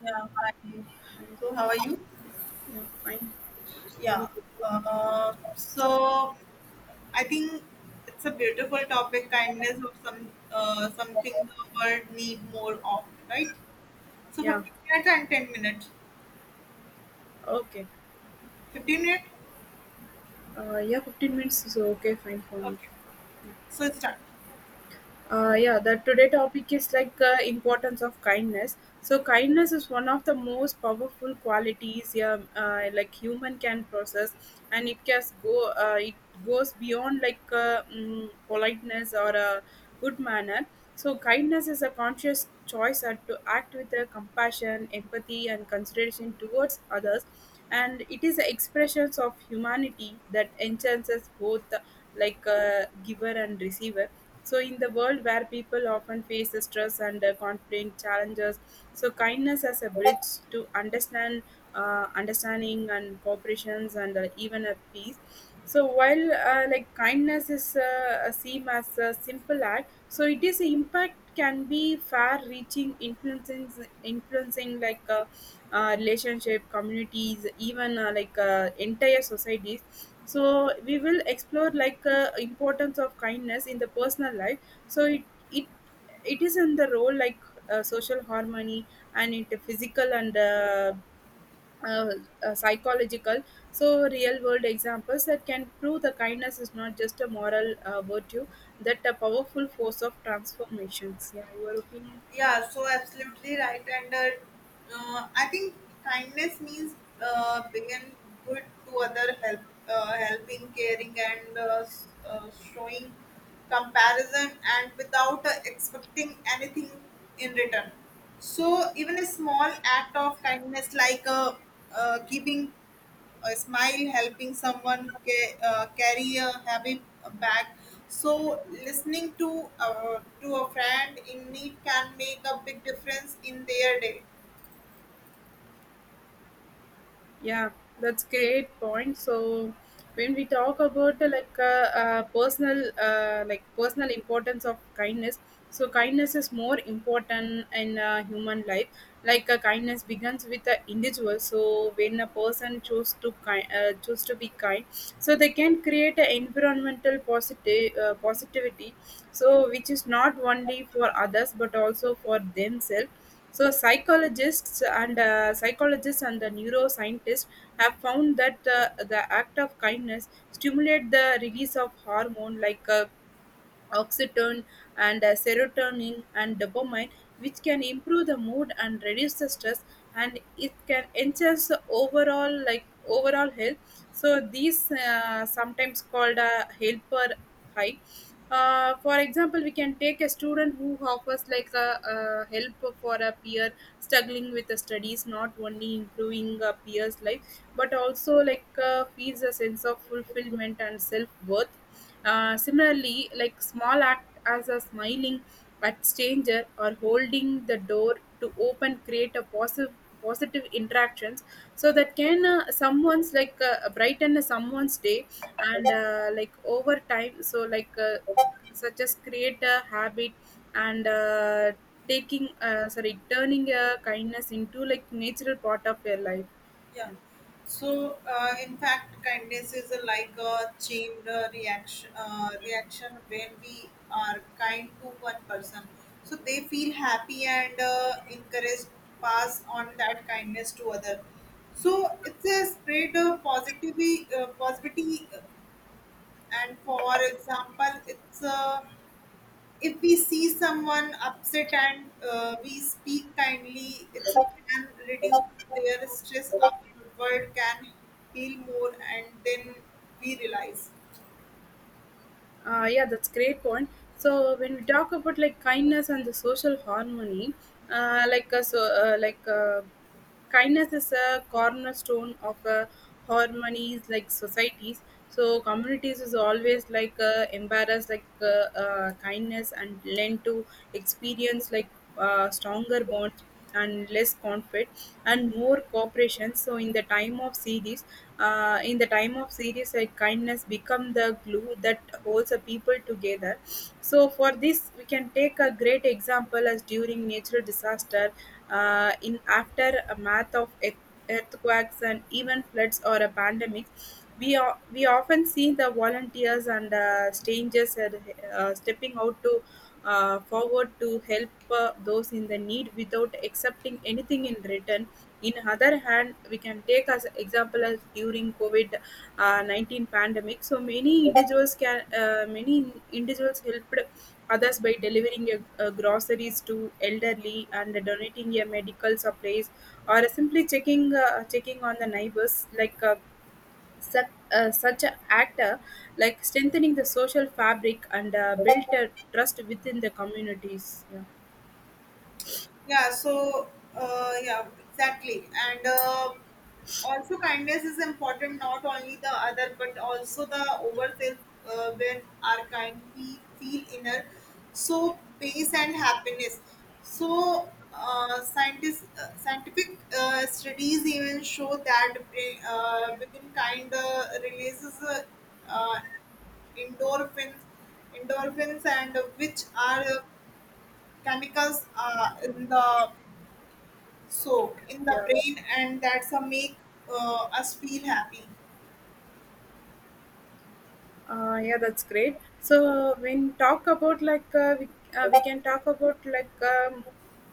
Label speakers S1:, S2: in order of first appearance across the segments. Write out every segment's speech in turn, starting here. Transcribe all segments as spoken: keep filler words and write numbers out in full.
S1: Yeah, hi. So, how are you?
S2: Yeah, fine.
S1: Yeah.
S2: So,
S1: Uh, so, I think it's a beautiful topic, kindness of some uh, something the world need more of, right? So,
S2: yeah,
S1: fifteen minutes and ten minutes.
S2: okay.
S1: fifteen minutes?
S2: Uh, yeah, fifteen minutes is okay, fine for me.
S1: Okay. So, start.
S2: Uh, yeah the today topic is like uh, importance of kindness. So kindness is one of the most powerful qualities, yeah, uh, like human can process, and it can go uh, it goes beyond like uh, mm, politeness or a good manner. So kindness is a conscious choice uh, to act with uh, compassion, empathy and consideration towards others, and it is the expressions of humanity that enhances both, uh, like uh, giver and receiver. So, in the world where people often face the stress and uh, conflict challenges, so kindness as a bridge to understand, uh, understanding and cooperations and uh, even a peace. So while uh, like kindness is uh, a seem as a simple act, so it is impact can be far-reaching, influencing influencing like uh, uh, relationship, communities, even uh, like uh, entire societies. So we will explore like uh, importance of kindness in the personal life. So it it it is in the role like uh, social harmony and into physical and uh, uh, uh, psychological. So real world examples that can prove the kindness is not just a moral uh, virtue, that a powerful force of transformations. Yeah, your opinion?
S1: Yeah, so absolutely right. And uh, uh, I think kindness means uh, being good to other, help, uh, helping, caring, and uh, s- uh, showing comparison, and without uh, expecting anything in return. So even a small act of kindness, like uh, uh, keeping a smile, helping someone ca- uh, carry a heavy bag. So, listening to uh, to a friend in need can make a big difference in their day.
S2: Yeah, that's great point. So when we talk about uh, like uh, uh, personal uh, like personal importance of kindness, so kindness is more important in uh, human life. Like uh, kindness begins with the individual. So when a person choose to kind uh, choose to be kind, so they can create an environmental positive uh, positivity. So which is not only for others but also for themselves. So psychologists and uh, psychologists and the neuroscientists have found that uh, the act of kindness stimulate the release of hormone like uh, oxytocin and uh, serotonin and dopamine, which can improve the mood and reduce the stress, and it can enhance the overall like overall health. So these uh, sometimes called a helper high. Uh, for example, we can take a student who offers like a, a help for a peer struggling with the studies, not only improving a peer's life but also like uh, feels a sense of fulfillment and self-worth. Uh, similarly, like small act as a smiling at stranger or holding the door to open create a positive positive interactions. So that can uh, someone's like uh, brighten someone's day, and uh, like over time so like uh, such as create a habit, and uh, taking uh, sorry turning uh, kindness into like natural part of your life.
S1: Yeah.
S2: Yeah.
S1: So, uh, in fact, kindness is a, like a chain uh, reaction. Uh, reaction when we are kind to one person, so they feel happy and uh, encouraged to pass on that kindness to other. So it's a spread of positivity, uh, positivity and for example it's uh, if we see someone upset and uh, we speak kindly it's a can reduce their stress our world can heal more and then we realize.
S2: Uh, yeah, that's great point. So when we talk about like kindness and the social harmony, uh, like uh, so, uh, like uh, kindness is a cornerstone of uh, harmonies like societies. So communities is always like uh, embarrassed like uh, uh, kindness and lend to experience like uh, stronger bonds and less conflict and more cooperation. So in the time of series uh, in the time of series like kindness become the glue that holds a people together. So for this we can take a great example as during natural disaster, uh, in after a math of earth- earthquakes and even floods or a pandemic, we, are, we often see the volunteers and uh, strangers are, uh, stepping out to uh, forward to help uh, those in the need without accepting anything in return. In other hand, we can take as example as during COVID uh, nineteen pandemic. So many individuals can uh, many individuals helped others by delivering a, a groceries to elderly and donating a medical supplies or simply checking uh, checking on the neighbors like uh, such, uh, such an actor like strengthening the social fabric and uh, built a trust within the communities. Yeah.
S1: Yeah, so uh, yeah, exactly. And uh, also, kindness is important not only the other but also the overself uh, when are kind, we feel inner so peace and happiness. So, uh, scientists, uh, scientific uh, studies even show that brain, uh, within kind uh, releases uh, uh, endorphins endorphins and which are uh, chemicals uh, in the so in the
S2: Yeah.
S1: brain and that's a make uh, us feel happy.
S2: Uh, yeah, that's great. So when talk about like uh, we, uh, we can talk about like um,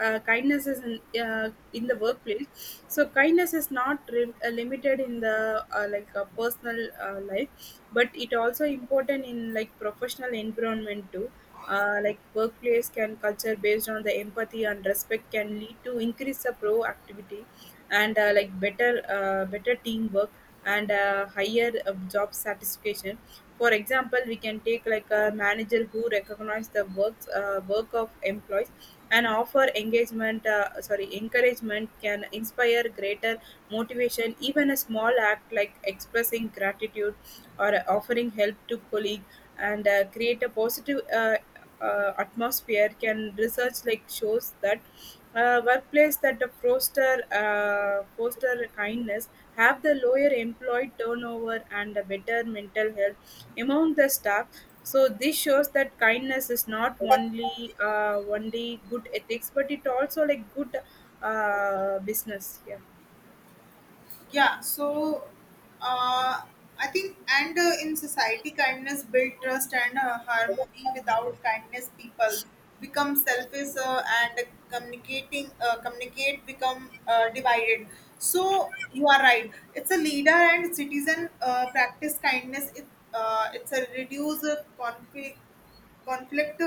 S2: uh, kindness is in, uh, in the workplace. So kindness is not re- uh, limited in the uh, like uh, personal uh, life, but it also important in like professional environment too. Uh, like workplace can culture based on the empathy and respect can lead to increase the proactivity and uh, like better uh, better teamwork and uh, higher uh, job satisfaction. For example we can take like a manager who recognize the works uh, work of employees and offer engagement uh, sorry encouragement can inspire greater motivation. Even a small act like expressing gratitude or offering help to colleague and uh, create a positive uh, uh, atmosphere. Can research like shows that uh, workplace that the foster uh, foster kindness have the lower employee turnover and a better mental health among the staff. So this shows that kindness is not only uh, only good ethics but it also like good uh, business. Yeah.
S1: Yeah, so uh, I think and uh, in society kindness build trust and uh, harmony without kindness people become selfish uh, and communicating uh, communicate become uh, divided. So you are right, it's a leader and citizen uh, practice kindness it, uh, it's a reduce uh, conflict conflict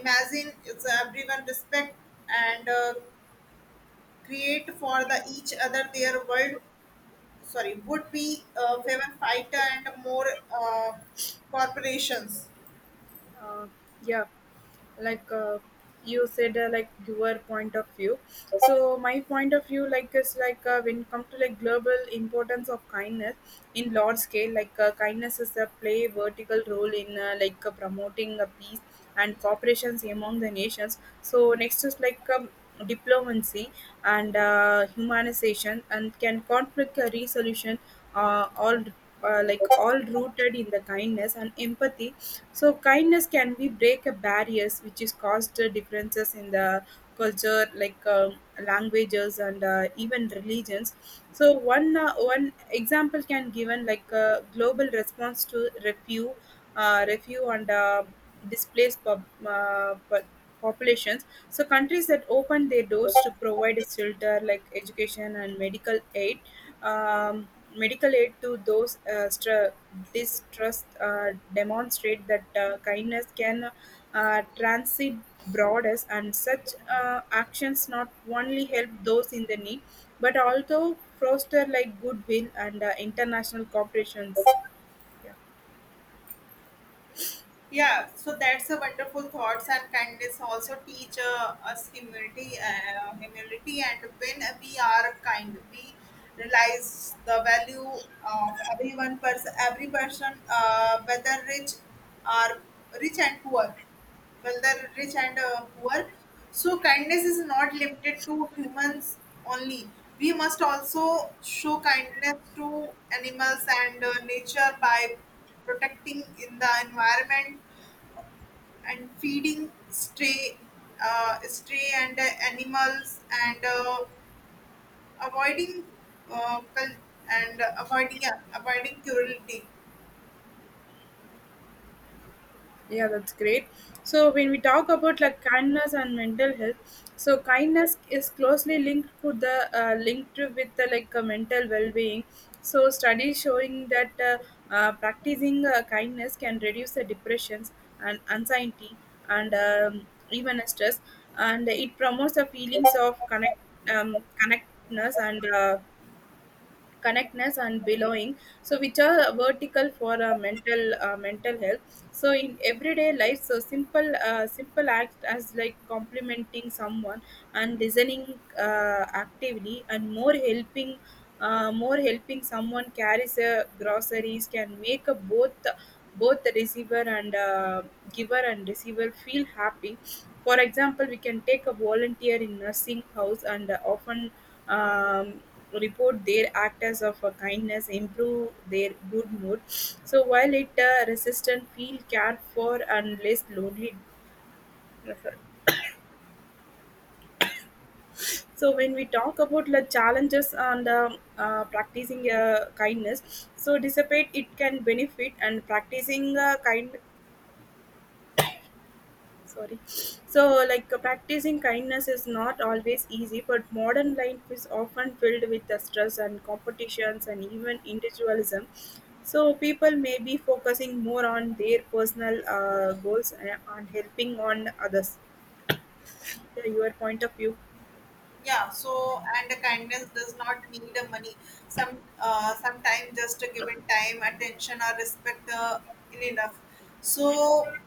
S1: imagine it's everyone respect and uh, create for the each other their world sorry would be uh, favor fighter and more uh, corporations.
S2: uh, yeah, like uh, you said uh, like your point of view. So my point of view like is like uh, when it comes to like global importance of kindness in large scale, like uh, kindness is a play vertical role in uh, like uh, promoting uh, peace and cooperations among the nations. So next is like um, diplomacy and uh, humanization and can conflict uh, resolution, uh, all uh, like all rooted in the kindness and empathy. So kindness can be break a barriers which is caused uh, differences in the culture like uh, languages and uh, even religions. So one uh, one example can given like a global response to refugee uh, refugee and uh, displaced pop, uh, po- populations. So countries that open their doors to provide shelter like education and medical aid, um, medical aid to those uh, stra- distrust uh, demonstrate that uh, kindness can uh, transit borders, and such uh, actions not only help those in the need but also foster like goodwill and uh, international cooperations.
S1: Yeah, so that's a wonderful thoughts and kindness also teach uh, us humility uh, humility and when we are kind we realize the value of everyone person every person uh, whether rich or rich and poor well the rich and uh, poor. So kindness is not limited to humans only, we must also show kindness to animals and uh, nature by protecting in the environment and feeding stray uh, stray and uh, animals and uh, avoiding uh, cul- and uh, avoiding yeah, avoiding cruelty.
S2: Yeah, that's great. So when we talk about like kindness and mental health, so kindness is closely linked to the uh, linked with the like uh, mental well-being. So studies showing that uh, uh, practicing uh, kindness can reduce the depressions and anxiety and um, even stress, and it promotes the feelings of connect um, connectedness and uh, connectness and belonging, so which are vertical for uh, mental uh, mental health. So in everyday life so simple uh, simple act as like complimenting someone and listening uh, actively and more helping uh, more helping someone carries uh, groceries can make a both both the receiver and uh, giver and receiver feel happy. For example we can take a volunteer in nursing house and uh, often um, report their acts of uh, kindness, improve their good mood. So while it uh, resistant, feel cared for and less lonely. So when we talk about the challenges and um, uh, practicing uh, kindness, so dissipate it can benefit and practicing uh, kindness, sorry, so like uh, practicing kindness is not always easy, but modern life is often filled with the stress and competitions and even individualism. So people may be focusing more on their personal uh, goals, eh, and on helping on others. Yeah, your point of view?
S1: Yeah, so and the kindness does not need a money. Some uh, sometimes just a given time, attention or respect uh, in enough. So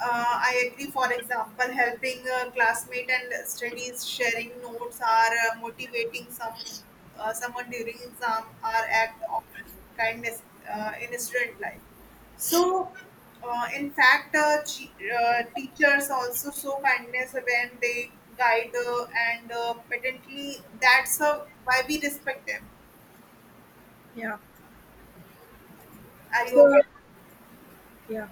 S1: uh, I agree. For example, helping a classmate and studies, sharing notes, or uh, motivating some uh, someone during exam are act of kindness uh, in student life. So, uh, in fact, uh, che- uh, teachers also show kindness when they guide uh, and uh, patently. That's uh, why we respect them.
S2: Yeah.
S1: Are you
S2: So
S1: okay?
S2: yeah,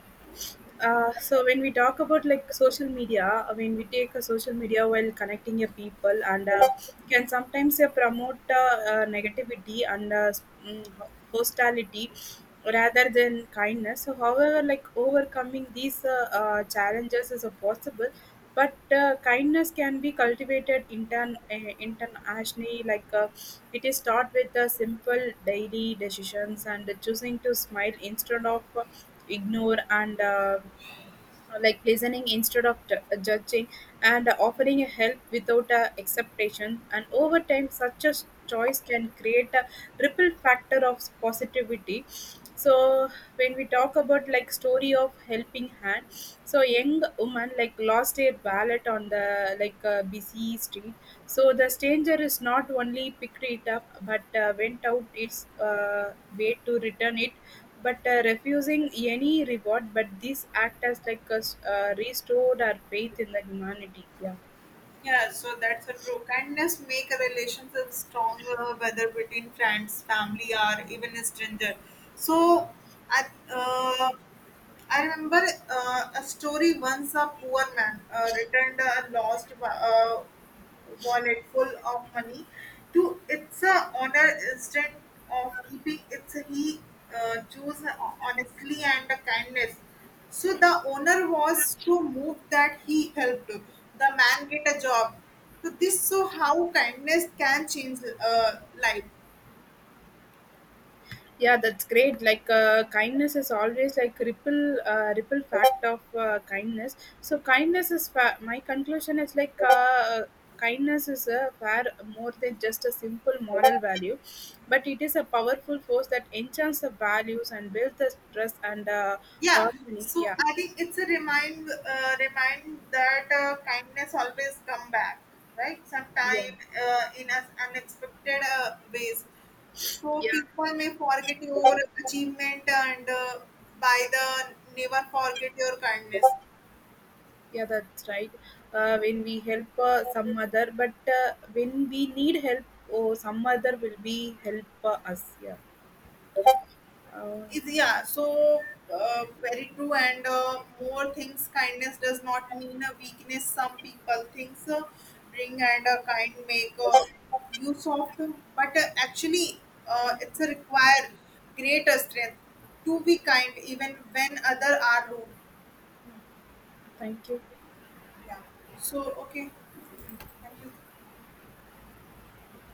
S2: uh, so when we talk about like social media, I mean we take a social media while connecting your people and uh, can sometimes uh, promote uh, uh, negativity and uh, s- mm, ho- hostility rather than kindness. So however, like overcoming these uh, uh, challenges is uh, possible, but uh, kindness can be cultivated intern uh, internationally. Like uh, it is start with the simple daily decisions and choosing to smile instead of. Uh, ignore and uh, uh, like listening instead of ju- uh, judging and offering a help without a expectation. And over time such a s- choice can create a ripple factor of positivity. So when we talk about like story of helping hand, so young woman like lost her wallet on the like uh, busy street. So the stranger is not only picked it up but uh, went out its uh, way to return it, but uh, refusing any reward. But this act as like a s- uh, restored our faith in the humanity. Yeah.
S1: Yeah, so that's a true. Kindness make a relationship stronger, whether between friends, family, or even a stranger. So, I, uh, I remember uh, a story. Once a poor man uh, returned a lost wa- uh, wallet full of money to its uh, owner instead of keeping it, he uh, chose honestly and kindness. So the owner was so moved that he helped the man get a job. So this so how kindness can change uh, life.
S2: Yeah, that's great. Like uh, kindness is always like ripple uh, ripple fact of uh, kindness. So kindness is fa- my conclusion is like. Uh, kindness is a far more than just a simple moral value, but it is a powerful force that enchants the values and builds the trust and uh,
S1: Yeah,
S2: harmony.
S1: so
S2: Yeah.
S1: I think it's a remind uh, remind that uh, kindness always come back, right?
S2: Yeah.
S1: Sometime uh, in as unexpected uh, ways. So
S2: Yeah.
S1: people may forget your achievement and uh, by the never forget your kindness.
S2: Yeah, that's right. Uh, when we help uh, some other, but uh, when we need help, oh, some other will be help uh, us. Yeah.
S1: Yeah.
S2: Uh,
S1: is yeah so uh, Very true, and uh, more things kindness does not mean a weakness. Some people thinks uh, bring and uh, kind make uh, you soft, but uh, actually uh, it's a require greater strength to be kind even when other are rude.
S2: Thank you.
S1: Yeah, so okay, thank you.